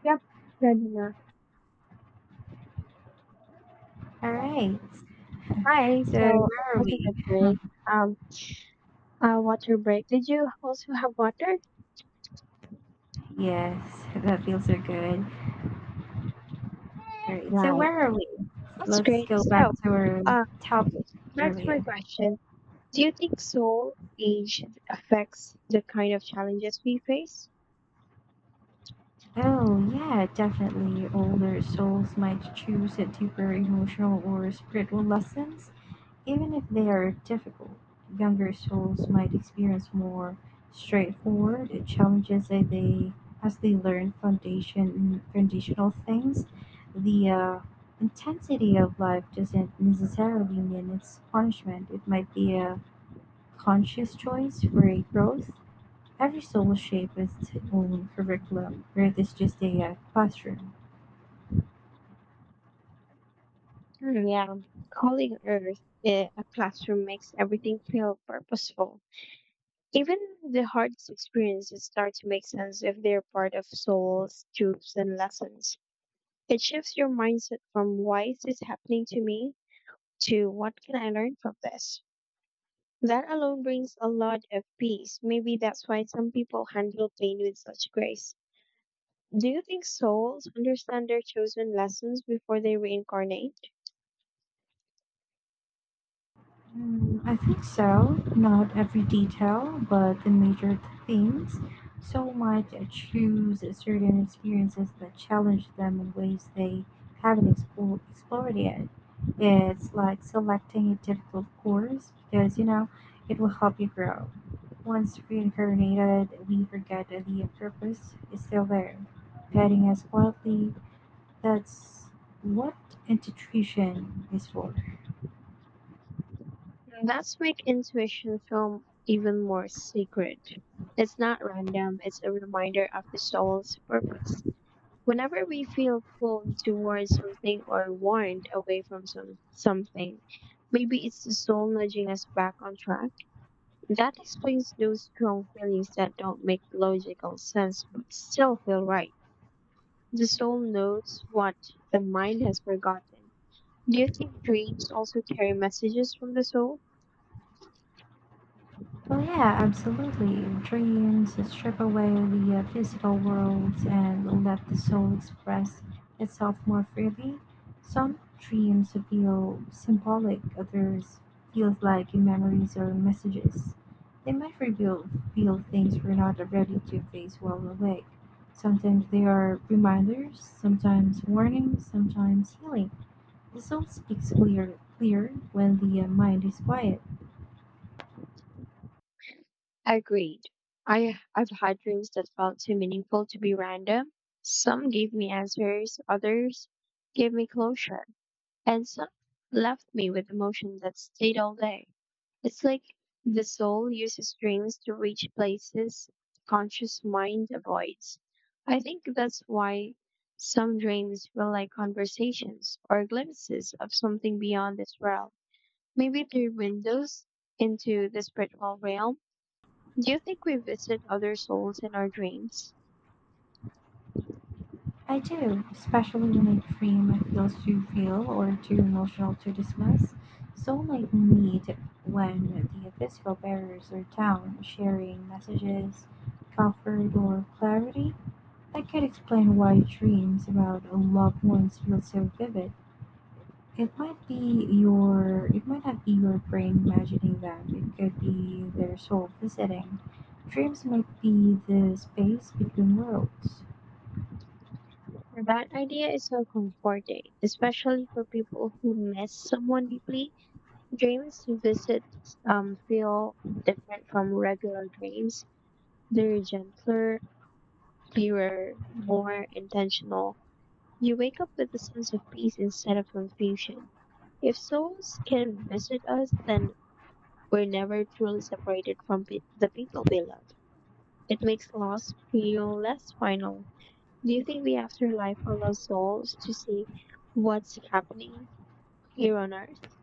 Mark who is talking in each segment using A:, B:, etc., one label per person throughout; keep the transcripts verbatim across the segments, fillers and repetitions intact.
A: Yep, good enough.
B: All right.
A: Hi,
B: So
A: so it
B: where are
A: was a
B: we?
A: good break. Um, uh, water break. Did you also have water?
B: Yes, that feels so good. All right. So
A: Right.
B: where are we?
A: That's
B: Let's
A: great.
B: go back
A: So,
B: to our
A: uh,
B: topic
A: Back to my
B: earlier.
A: question. Do you think soul age affects the kind of challenges we face?
B: Oh yeah, definitely. Older souls might choose a deeper emotional or spiritual lessons, even if they are difficult, younger souls might experience more straightforward challenges as they as they learn foundation foundational things. The uh, intensity of life doesn't necessarily mean it's punishment. It might be a conscious choice for a growth. Every soul shapes its own curriculum. Earth is just a uh, classroom.
A: Hmm, yeah. Calling Earth eh, a classroom makes everything feel purposeful. Even the hardest experiences start to make sense if they're part of soul's truths and lessons. It shifts your mindset from why is this happening to me to what can I learn from this. That alone brings a lot of peace. Maybe that's why some people handle pain with such grace. Do you think souls understand their chosen lessons before they reincarnate?
B: Mm, I think so. Not every detail, but the major themes. So might choose certain experiences that challenge them in ways they haven't explored, explored yet. It's like selecting a difficult course because you know it will help you grow. Once reincarnated, we forget that the purpose is still there, guiding us quietly. That's what intuition is for.
A: That's make intuition film even more sacred. It's not random, it's a reminder of the soul's purpose. Whenever we feel pulled towards something or warned away from some something, maybe it's the soul nudging us back on track. That explains those strong feelings that don't make logical sense but still feel right. The soul knows what the mind has forgotten. Do you think dreams also carry messages from the soul?
B: Oh yeah, absolutely. Dreams strip away the uh, physical world and let the soul express itself more freely. Some dreams feel symbolic, others feel like memories or messages. They might reveal feel things we're not ready to face while awake. Sometimes they are reminders, sometimes warnings, sometimes healing. The soul speaks clear, clear when the uh, mind is quiet.
A: Agreed. I I've had dreams that felt too meaningful to be random. Some gave me answers, others gave me closure, and some left me with emotion that stayed all day. It's like the soul uses dreams to reach places the conscious mind avoids. I think that's why some dreams feel like conversations or glimpses of something beyond this realm. Maybe they're windows into the spiritual realm. Do you think we visit other souls in our dreams?
B: I do, especially when a dream feels too real or too emotional to dismiss. So, might need when the physical barriers are down, sharing messages, comfort, or clarity. That could explain why dreams about loved ones feel so vivid. It might be your, it might not be your brain imagining them. It could be their soul visiting. Dreams might be the space between worlds.
A: That idea is so comforting, especially for people who miss someone deeply. Dreams visits um, feel different from regular dreams. They're gentler, clearer, more intentional. You wake up with a sense of peace instead of confusion. If souls can visit us, then we're never truly separated from pe- the people we love. It makes loss feel less final. Do you think the afterlife allows souls to see what's happening here on Earth?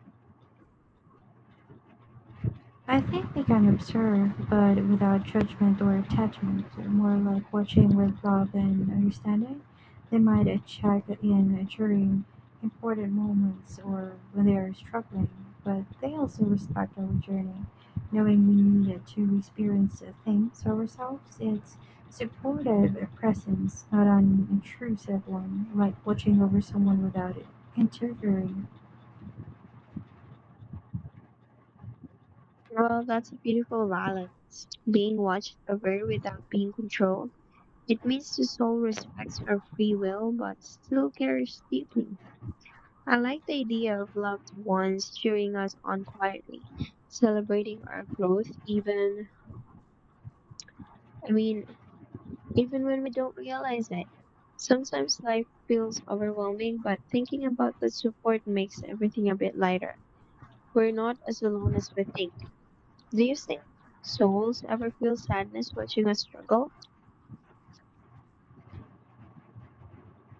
B: I think they can observe, but without judgment or attachment, more like watching with love and understanding. They might uh, check in during important moments or when they are struggling, but they also respect our journey, knowing we need to experience uh, things ourselves. It's supportive presence, not an intrusive one, like watching over someone without interfering.
A: Well, that's a beautiful balance. Being watched over without being controlled. It means the soul respects our free will but still cares deeply. I like the idea of loved ones cheering us on quietly, celebrating our growth even, I mean, even when we don't realize it. Sometimes life feels overwhelming, but thinking about the support makes everything a bit lighter. We're not as alone as we think. Do you think souls ever feel sadness watching us struggle?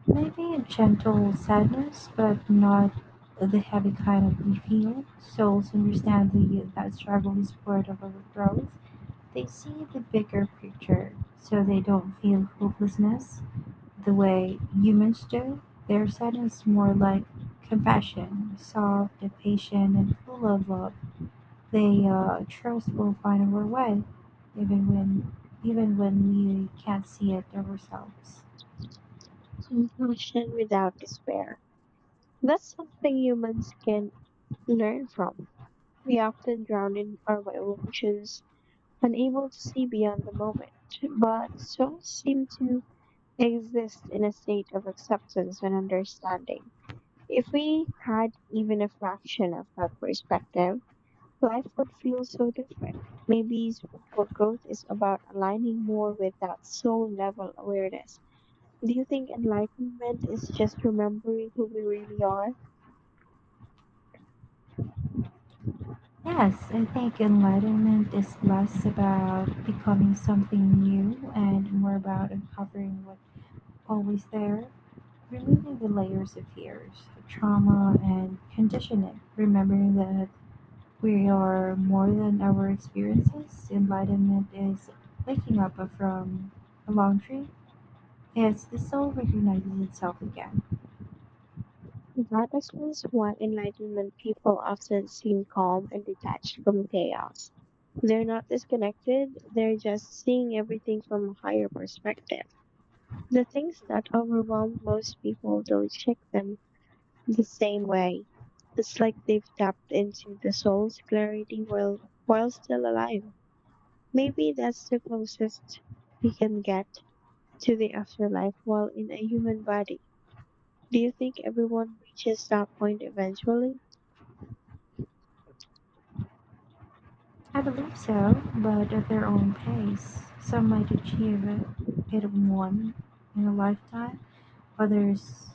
B: Maybe a gentle sadness, but not the heavy kind of we feel. Souls understand the, that struggle is part of our growth. They see the bigger picture, so they don't feel hopelessness the way humans do. Their sadness is more like compassion, soft and patient and full of love. They uh, trust we'll find our way, even when even when we can't see it ourselves.
A: Compassion without despair. That's something humans can learn from. We often drown in our emotions, unable to see beyond the moment, but souls seem to exist in a state of acceptance and understanding. If we had even a fraction of that perspective, life would feel so different. Maybe spiritual growth is about aligning more with that soul level awareness. Do you think enlightenment is just remembering who we really are?
B: Yes, I think enlightenment is less about becoming something new and more about uncovering what's always there, removing the layers of fears, trauma, and conditioning, remembering that we are more than our experiences. Enlightenment is waking up from a long dream. It's the soul recognizes itself again.
A: That explains why enlightenment people often seem calm and detached from chaos. They're not disconnected, they're just seeing everything from a higher perspective. The things that overwhelm most people don't shake them the same way. It's like they've tapped into the soul's clarity while, while still alive. Maybe that's the closest we can get to the afterlife while in a human body. Do you think everyone reaches that point eventually?
B: I believe so, but at their own pace. Some might achieve it in one in a lifetime, others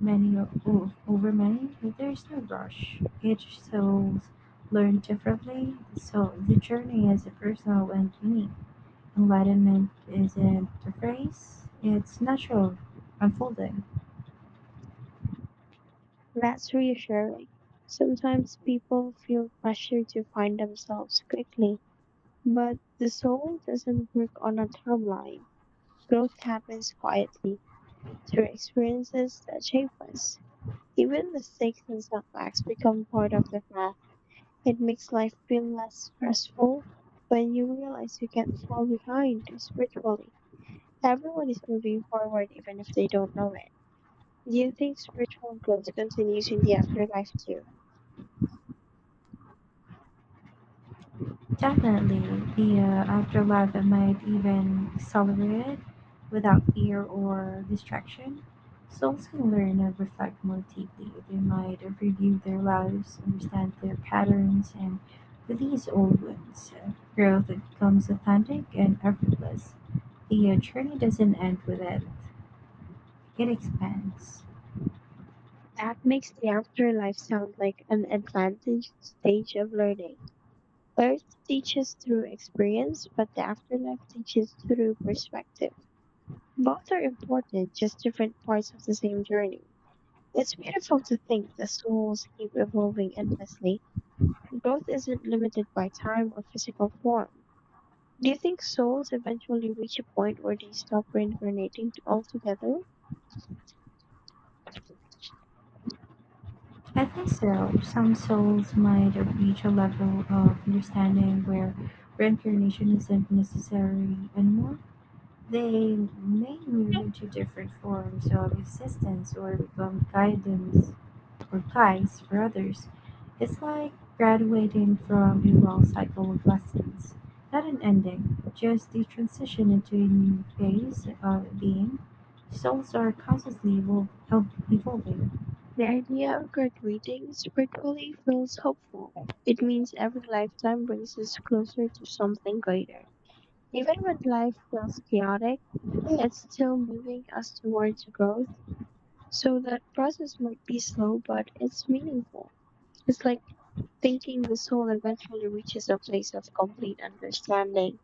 B: many o- o- over many. There is no rush. Each soul learns differently, so the journey is personal and unique. Enlightenment isn't a phrase; it's natural unfolding.
A: That's reassuring. Sometimes people feel pressure to find themselves quickly, but the soul doesn't work on a timeline. Growth happens quietly through experiences that shape us. Even mistakes and setbacks become part of the path. It makes life feel less stressful when you realize you can't fall behind spiritually. Everyone is moving forward even if they don't know it. Do you think spiritual growth continues in the afterlife too?
B: Definitely, the uh, afterlife might even accelerate it without fear or distraction. Souls can learn and reflect more deeply. They might review their lives, understand their patterns, and release old wounds. Uh, Growth becomes authentic and effortless. The uh, journey doesn't end with it, it expands.
A: That makes the afterlife sound like an advanced stage of learning. Earth teaches through experience, but the afterlife teaches through perspective. Both are important, just different parts of the same journey. It's beautiful to think that souls keep evolving endlessly. Growth isn't limited by time or physical form. Do you think souls eventually reach a point where they stop reincarnating t- altogether?
B: I think so. Some souls might reach a level of understanding where reincarnation isn't necessary anymore. They may move into different forms of existence or become guidance or guides for others. It's like graduating from a long cycle of lessons. Not an ending, just the transition into a new phase of being. Souls are constantly evol- evolving.
A: The idea of graduating spiritually feels hopeful. It means every lifetime brings us closer to something greater. Even when life feels chaotic, it's still moving us towards growth, so that process might be slow, but it's meaningful. It's like thinking the soul eventually reaches a place of complete understanding.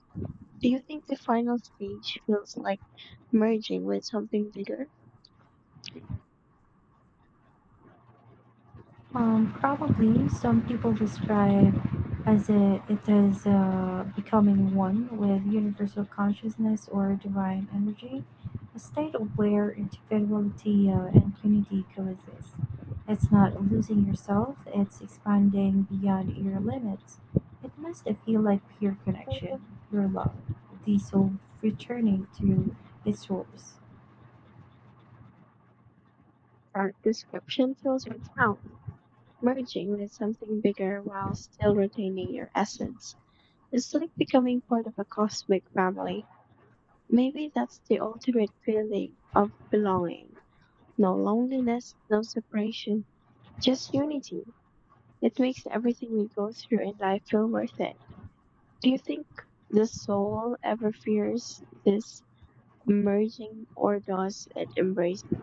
A: Do you think the final stage feels like merging with something bigger?
B: Um, probably some people describe as a, it as uh, becoming one with universal consciousness or divine energy, a state of where individuality uh, and unity coexist. It's not losing yourself; it's expanding beyond your limits. It must feel like pure connection,
A: That
B: pure love, the soul returning to its source.
A: description feels profound. Merging with something bigger while still retaining your essence. It's like becoming part of a cosmic family. Maybe that's the ultimate feeling of belonging. No loneliness, no separation, just unity. It makes everything we go through in life feel worth it. Do you think the soul ever fears this merging or does it embrace it?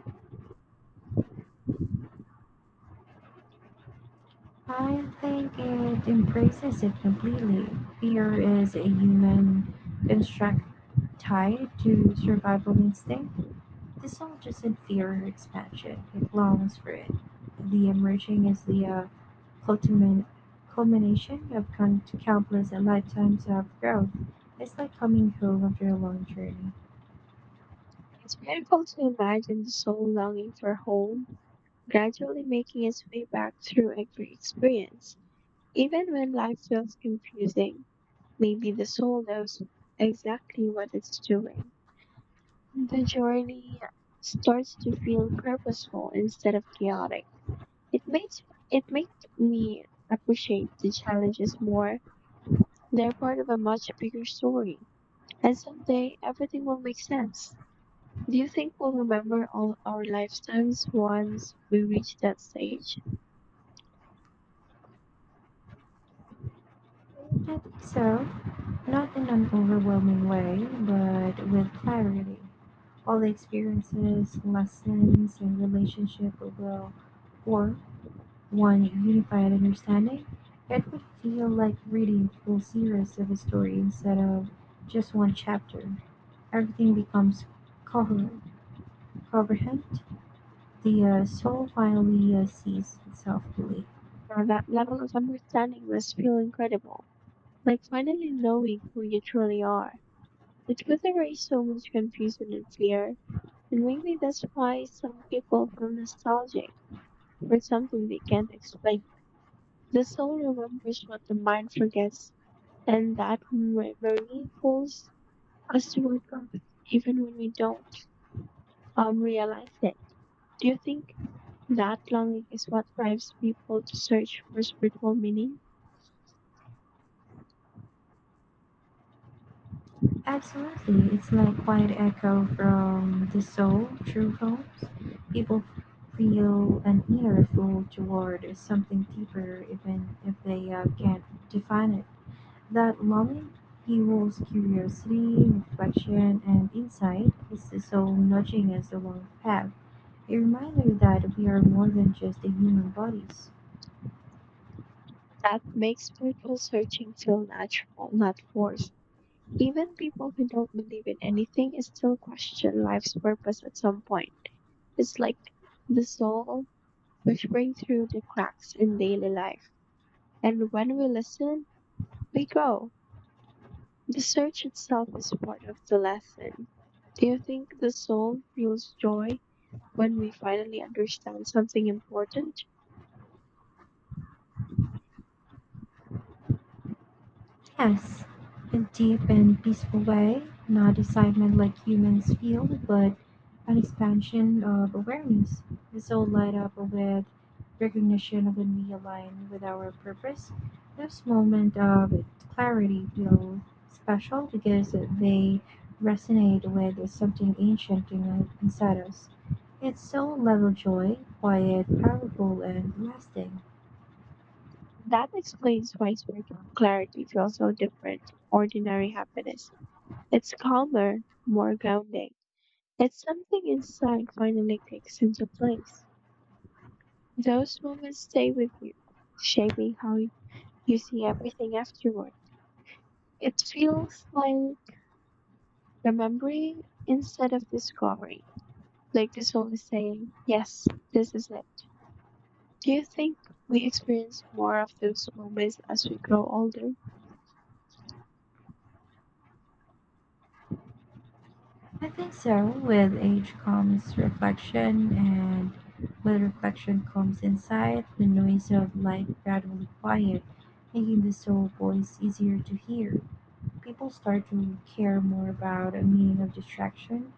B: I think it embraces it completely. Fear is a human construct tied to survival instinct. The soul doesn't fear expansion, it longs for it. The emerging is the uh, culmin- culmination of con- countless lifetimes of growth. It's like coming home after a long journey.
A: It's beautiful to imagine the soul longing for home, gradually making its way back through every experience. Even when life feels confusing, maybe the soul knows exactly what it's doing. The journey starts to feel purposeful instead of chaotic. It makes it makes me appreciate the challenges more. They're part of a much bigger story, and someday everything will make sense. Do you think we'll remember all our lifetimes once we reach that stage?
B: I think so, not in an overwhelming way, but with clarity. All the experiences, lessons, and relationship will grow for one unified understanding. It would feel like reading a full series of a story instead of just one chapter. Everything becomes coherent. coherent. The uh, soul finally uh, sees itself fully.
A: Now, that level of understanding must feel incredible, like finally knowing who you truly are. It would erase so much confusion and fear, and maybe that's why some people feel nostalgic for something they can't explain. The soul remembers what the mind forgets, and that memory pulls us to work on, even when we don't um, realize it. Do you think that longing is what drives people to search for spiritual meaning?
B: Absolutely. It's like quiet echo from the soul through poems. People feel an inner pull toward something deeper even if they uh, can't define it. That longing fuels curiosity, reflection, and insight. It's the soul nudging us along the path. A reminder that we are more than just the human bodies.
A: That makes spiritual searching feel natural, not forced. Even people who don't believe in anything is still question life's purpose at some point. It's like the soul whispering through the cracks in daily life. And when we listen, we grow. The search itself is part of the lesson. Do you think the soul feels joy when we finally understand something important?
B: Yes, a deep and peaceful way, not excitement like humans feel, but an expansion of awareness. This all light up with recognition when we align with our purpose. This moment of clarity feel special because they resonate with something ancient in- inside us. It's so level joy, quiet, powerful, and lasting.
A: That explains why spiritual clarity feels so different from ordinary happiness. It's calmer, more grounding. It's something inside finally clicks into place. Those moments stay with you, shaping how you see everything afterward. It feels like remembering instead of discovering. Like the soul is saying, yes, this is it. Do you think we experience more of those moments as we grow older?
B: I think so. With age comes reflection, and with reflection comes insight. The noise of life gradually quiet, making the soul voice easier to hear. People start to care more about a meaning of distraction.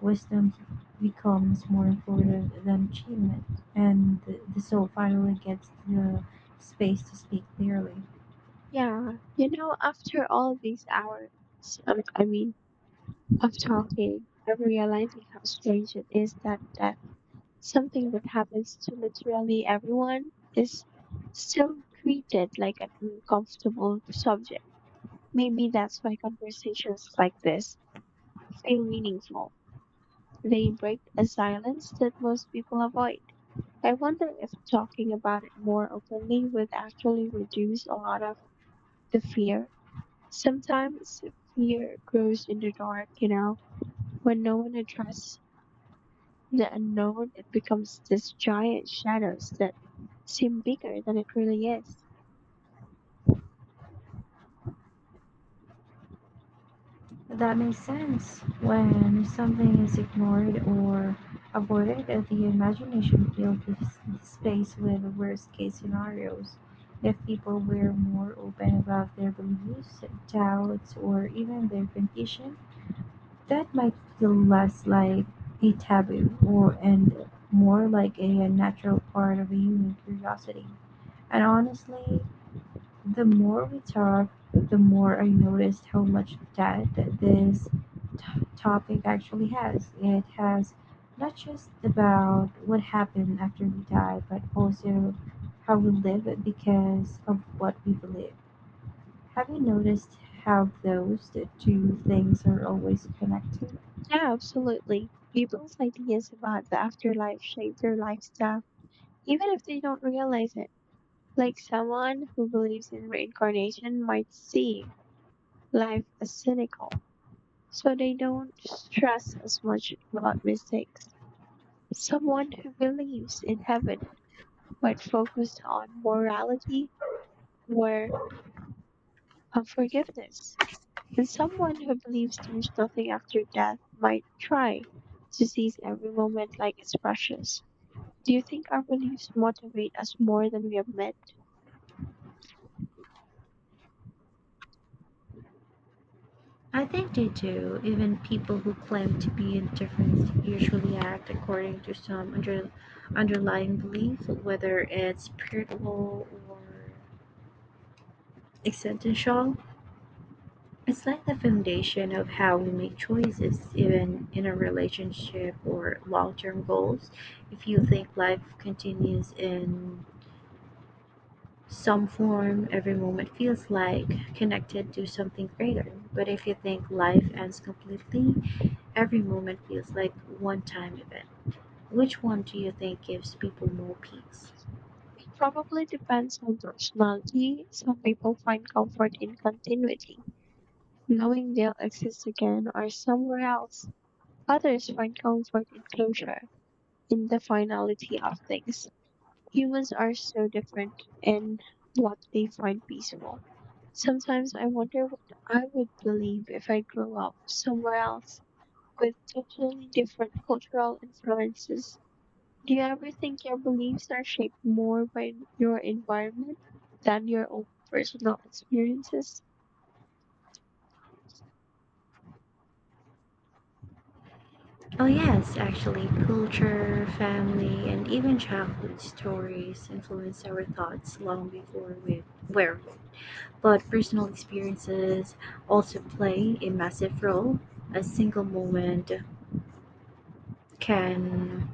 B: Wisdom becomes more important than achievement, and the, the soul finally gets the space to speak clearly.
A: Yeah, you know, after all these hours, um, I mean, of talking, I'm realizing how strange it is that, that something that happens to literally everyone is still treated like an uncomfortable subject. Maybe that's why conversations like this feel meaningful. They break a silence that most people avoid. I wonder if talking about it more openly would actually reduce a lot of the fear. Sometimes fear grows in the dark, you know, when no one addresses the unknown, it becomes this giant shadows that seem bigger than it really is.
B: That makes sense. When something is ignored or avoided, uh, the imagination fills the s- space with worst case scenarios. If people were more open about their beliefs, doubts, or even their condition, that might feel less like a taboo or and more like a natural part of a human curiosity. And honestly, the more we talked, the more I noticed how much depth this t- topic actually has. It has not just about what happened after we die, but also how we live because of what we believe. Have you noticed how those two things are always connected?
A: Yeah, absolutely. People's ideas about the afterlife shape their lifestyle, even if they don't realize it. Like someone who believes in reincarnation might see life as cynical so they don't stress as much about mistakes. Someone who believes in heaven but focused on morality or on forgiveness. And someone who believes there's nothing after death might try to seize every moment like it's precious. Do you think our beliefs motivate us more than we admit?
B: I think they do. Even people who claim to be indifferent usually act according to some under, underlying belief, whether it's spiritual or existential. It's like the foundation of how we make choices, even in a relationship or long term goals. If you think life continues in some form, every moment feels like connected to something greater. But if you think life ends completely, every moment feels like one time event. Which one do you think gives people more peace?
A: It probably depends on personality. Some people find comfort in continuity, knowing they'll exist again or somewhere else. Others find comfort in closure, in the finality of things. Humans are so different in what they find peaceful. Sometimes I wonder what I would believe if I grew up somewhere else with totally different cultural influences. Do you ever think your beliefs are shaped more by your environment than your own personal experiences?
B: Oh, yes, actually, culture, family, and even childhood stories influence our thoughts long before we were. But personal experiences also play a massive role. A single moment can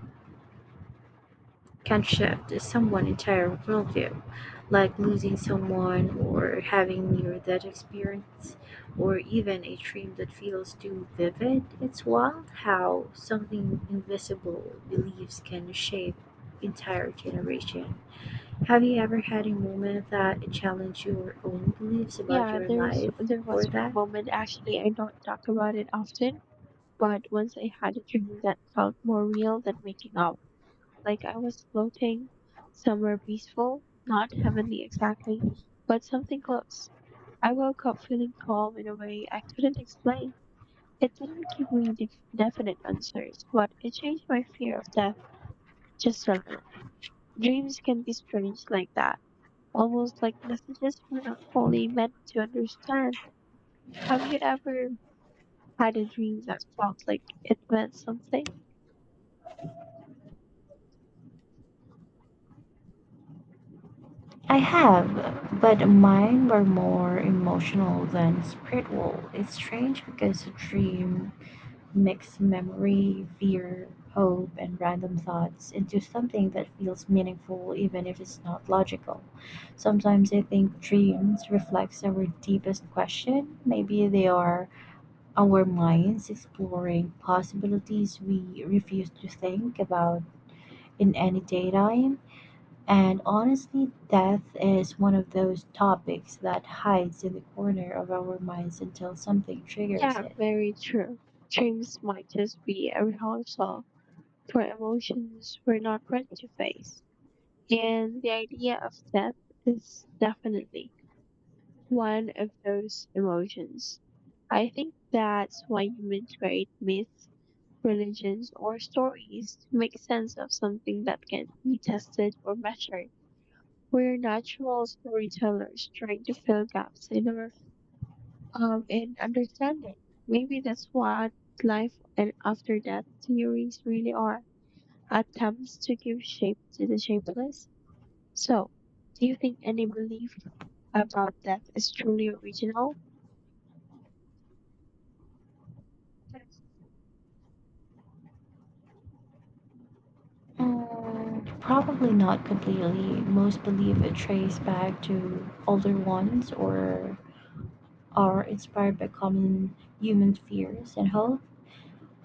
B: can shift someone's entire worldview, like losing someone or having near death experience or even a dream that feels too vivid. It's wild how something invisible beliefs can shape entire generation. Have you ever had a moment that challenged your own beliefs about
A: Yeah,
B: your
A: there's
B: life
A: there was
B: or
A: one
B: that?
A: moment, actually. I don't talk about it often, but once I had a dream that felt more real than waking up, like I was floating somewhere peaceful, not heavenly exactly, but something close. I woke up feeling calm in a way I couldn't explain. It didn't give me def- definite answers, but it changed my fear of death just a little. Dreams can be strange like that, almost like messages we're not fully meant to understand. Have you ever had a dream that felt like it meant something?
B: I have, but mine were more emotional than spiritual. It's strange because a dream mix memory, fear, hope, and random thoughts into something that feels meaningful even if it's not logical. Sometimes I think dreams reflects our deepest question. Maybe they are our minds exploring possibilities we refuse to think about in any daytime. And honestly, death is one of those topics that hides in the corner of our minds until something triggers
A: Yeah,
B: it.
A: very true. Dreams might just be a rehearsal for emotions we're not ready to face. And the idea of death is definitely one of those emotions. I think that's why humans create myths, religions, or stories to make sense of something that can be tested or measured. We're natural storytellers trying to fill gaps in our um, and understanding. Maybe that's what life and after death theories really are, attempts to give shape to the shapeless. So, do you think any belief about death is truly original?
B: Mm, probably not completely. Most believe it trace back to older ones or are inspired by common human fears and hope.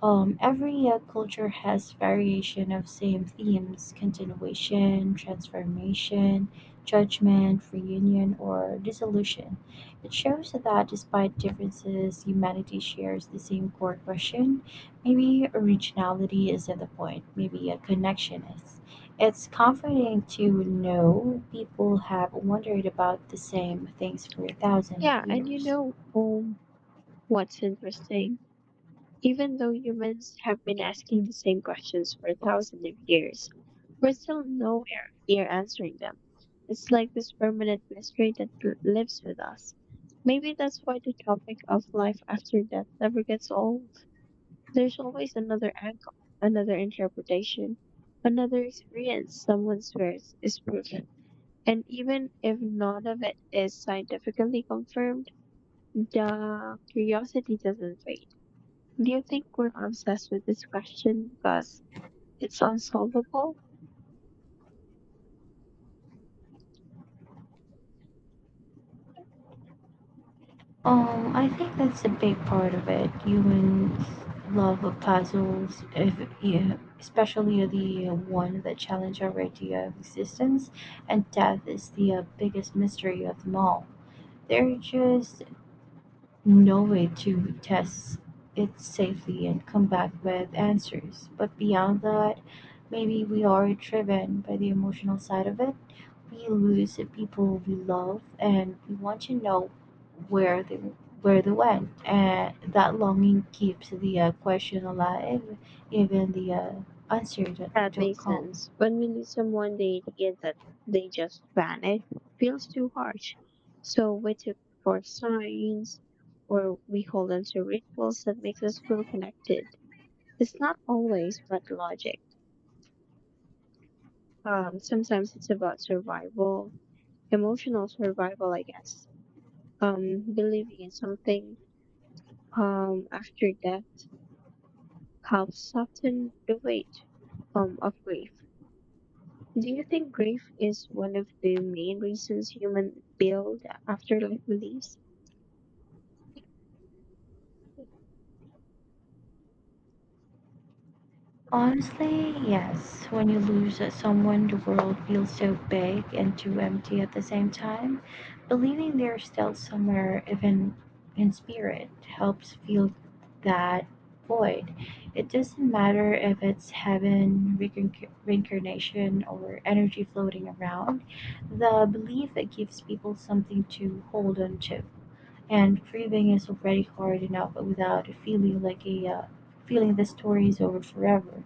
B: Um, every uh, culture has variation of same themes: continuation, transformation, judgment, reunion, or dissolution. It shows that despite differences, humanity shares the same core question. Maybe originality isn't the point. Maybe a connection is. It's comforting to know people have wondered about the same things for thousands
A: Yeah,
B: of
A: and you
B: years.
A: know um, What's interesting? Even though humans have been asking the same questions for thousands of years, we're still nowhere near answering them. It's like this permanent mystery that l- lives with us. Maybe that's why the topic of life after death never gets old. There's always another angle, another interpretation, another experience someone swears is proven. And even if none of it is scientifically confirmed, the curiosity doesn't fade. Do you think we're obsessed with this question because it's unsolvable?
B: Um, I think that's a big part of it. Humans love the puzzles, if, yeah, especially the uh, one that challenge our idea of existence, and death is the uh, biggest mystery of them all. There's just no way to test it safely and come back with answers. But beyond that, maybe we are driven by the emotional side of it. We lose the people we love and we want to know where they where they went, and that longing keeps the uh, question alive even the uh, answer don't,
A: That
B: don't
A: makes
B: come.
A: sense. When we lose someone, they get that they just vanish. Feels too harsh. So we took for signs, or we hold on to rituals that makes us feel connected. It's not always but logic. Um, sometimes it's about survival, emotional survival, I guess. Um, believing in something um after death helps soften the weight um, of grief. Do you think grief is one of the main reasons humans build afterlife beliefs?
B: Honestly, yes. When you lose someone, the world feels so big and too empty at the same time. Believing they're still somewhere, even in spirit, helps fill that void. It doesn't matter if it's heaven, reincarn- reincarnation, or energy floating around. The belief it gives people something to hold on to. And grieving is already hard enough without feeling like a uh, feeling the story is over forever.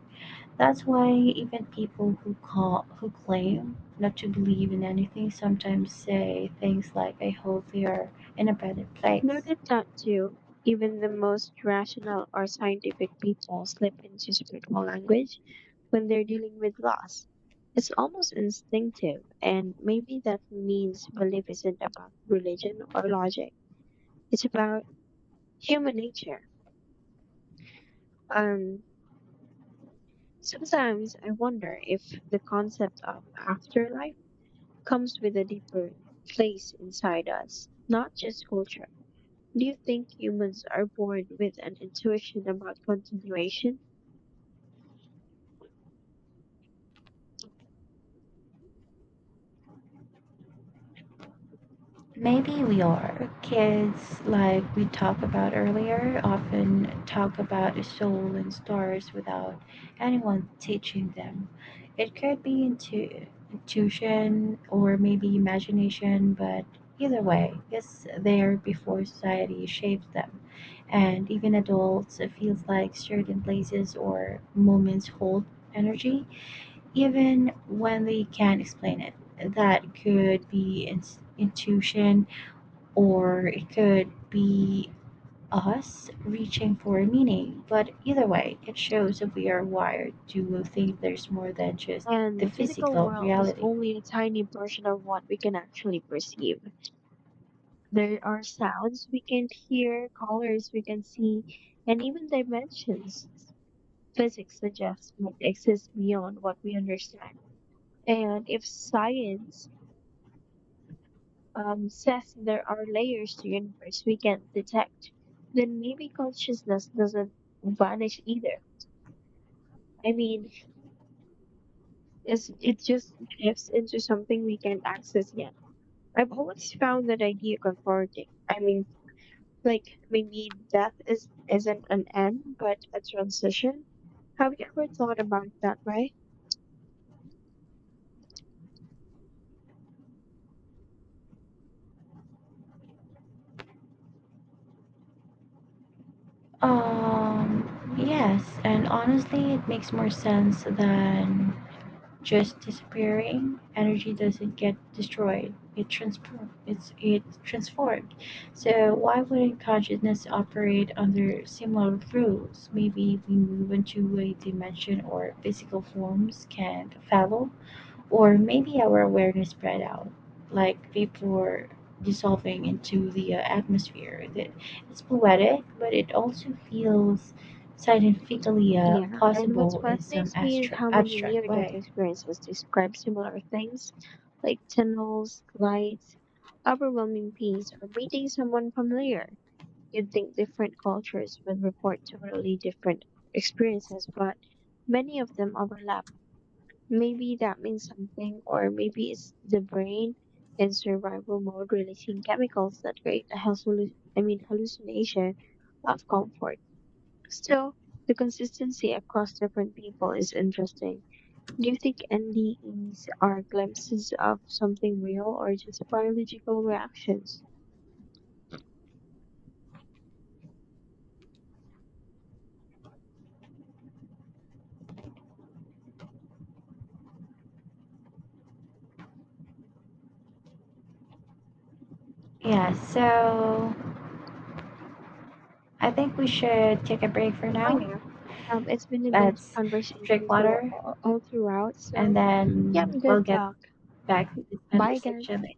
B: That's why even people who call who claim not to believe in anything sometimes say things like I hope we are in a better place.
A: Noted that too. Even the most rational or scientific people slip into spiritual language when they're dealing with loss. It's almost instinctive, and maybe that means belief isn't about religion or logic. It's about human nature. Um, Sometimes I wonder if the concept of afterlife comes with a deeper place inside us, not just culture. Do you think humans are born with an intuition about continuation?
B: Maybe we are. Kids, like we talked about earlier, often talk about the soul and stars without anyone teaching them. It could be intu- intuition or maybe imagination, but either way, it's there before society shapes them. And even adults, it feels like certain places or moments hold energy, even when they can't explain it. That could be in- intuition or it could be us reaching for a meaning. But either way, it shows that we are wired to think there's more than just
A: And
B: the
A: the physical
B: physical
A: world is
B: reality.
A: only a tiny portion of what we can actually perceive. There are sounds we can hear, colors we can see, and even dimensions physics suggests might exist beyond what we understand. And if science um, says there are layers to universe we can't detect, then maybe consciousness doesn't vanish either. I mean, it's, it just shifts into something we can't access yet. I've always found that idea comforting. I mean, like maybe death is isn't an end, but a transition. Have you ever thought about it that way?
B: Um, yes, and honestly, it makes more sense than just disappearing. Energy doesn't get destroyed. It transform it's it's transformed. So why wouldn't consciousness operate under similar rules? Maybe we move into a dimension or physical forms can follow, or maybe our awareness spread out like vapor dissolving into the uh, atmosphere. That it's poetic, but it also feels scientifically uh,
A: Yeah, and what
B: possible in some
A: fascinates me is
B: astro-
A: how many
B: abstract
A: near-death
B: way.
A: experiences describe similar things, like tunnels, lights, overwhelming peace, or meeting someone familiar. You'd think different cultures would report totally different experiences, but many of them overlap. Maybe that means something, or maybe it's the brain in survival mode releasing chemicals that create a hallucin I mean hallucination of comfort. Still, the consistency across different people is interesting. Do you think N D Es are glimpses of something real or just biological reactions?
B: Yeah, so I think we should take a break for
A: Oh,
B: now.
A: yeah. Um, it's been a good
B: Let's
A: conversation
B: drink
A: through
B: water
A: all, all throughout.
B: and
A: So, yeah,
B: then we'll
A: good
B: get
A: talk.
B: back to this
A: Bye, guys.
B: conversation later.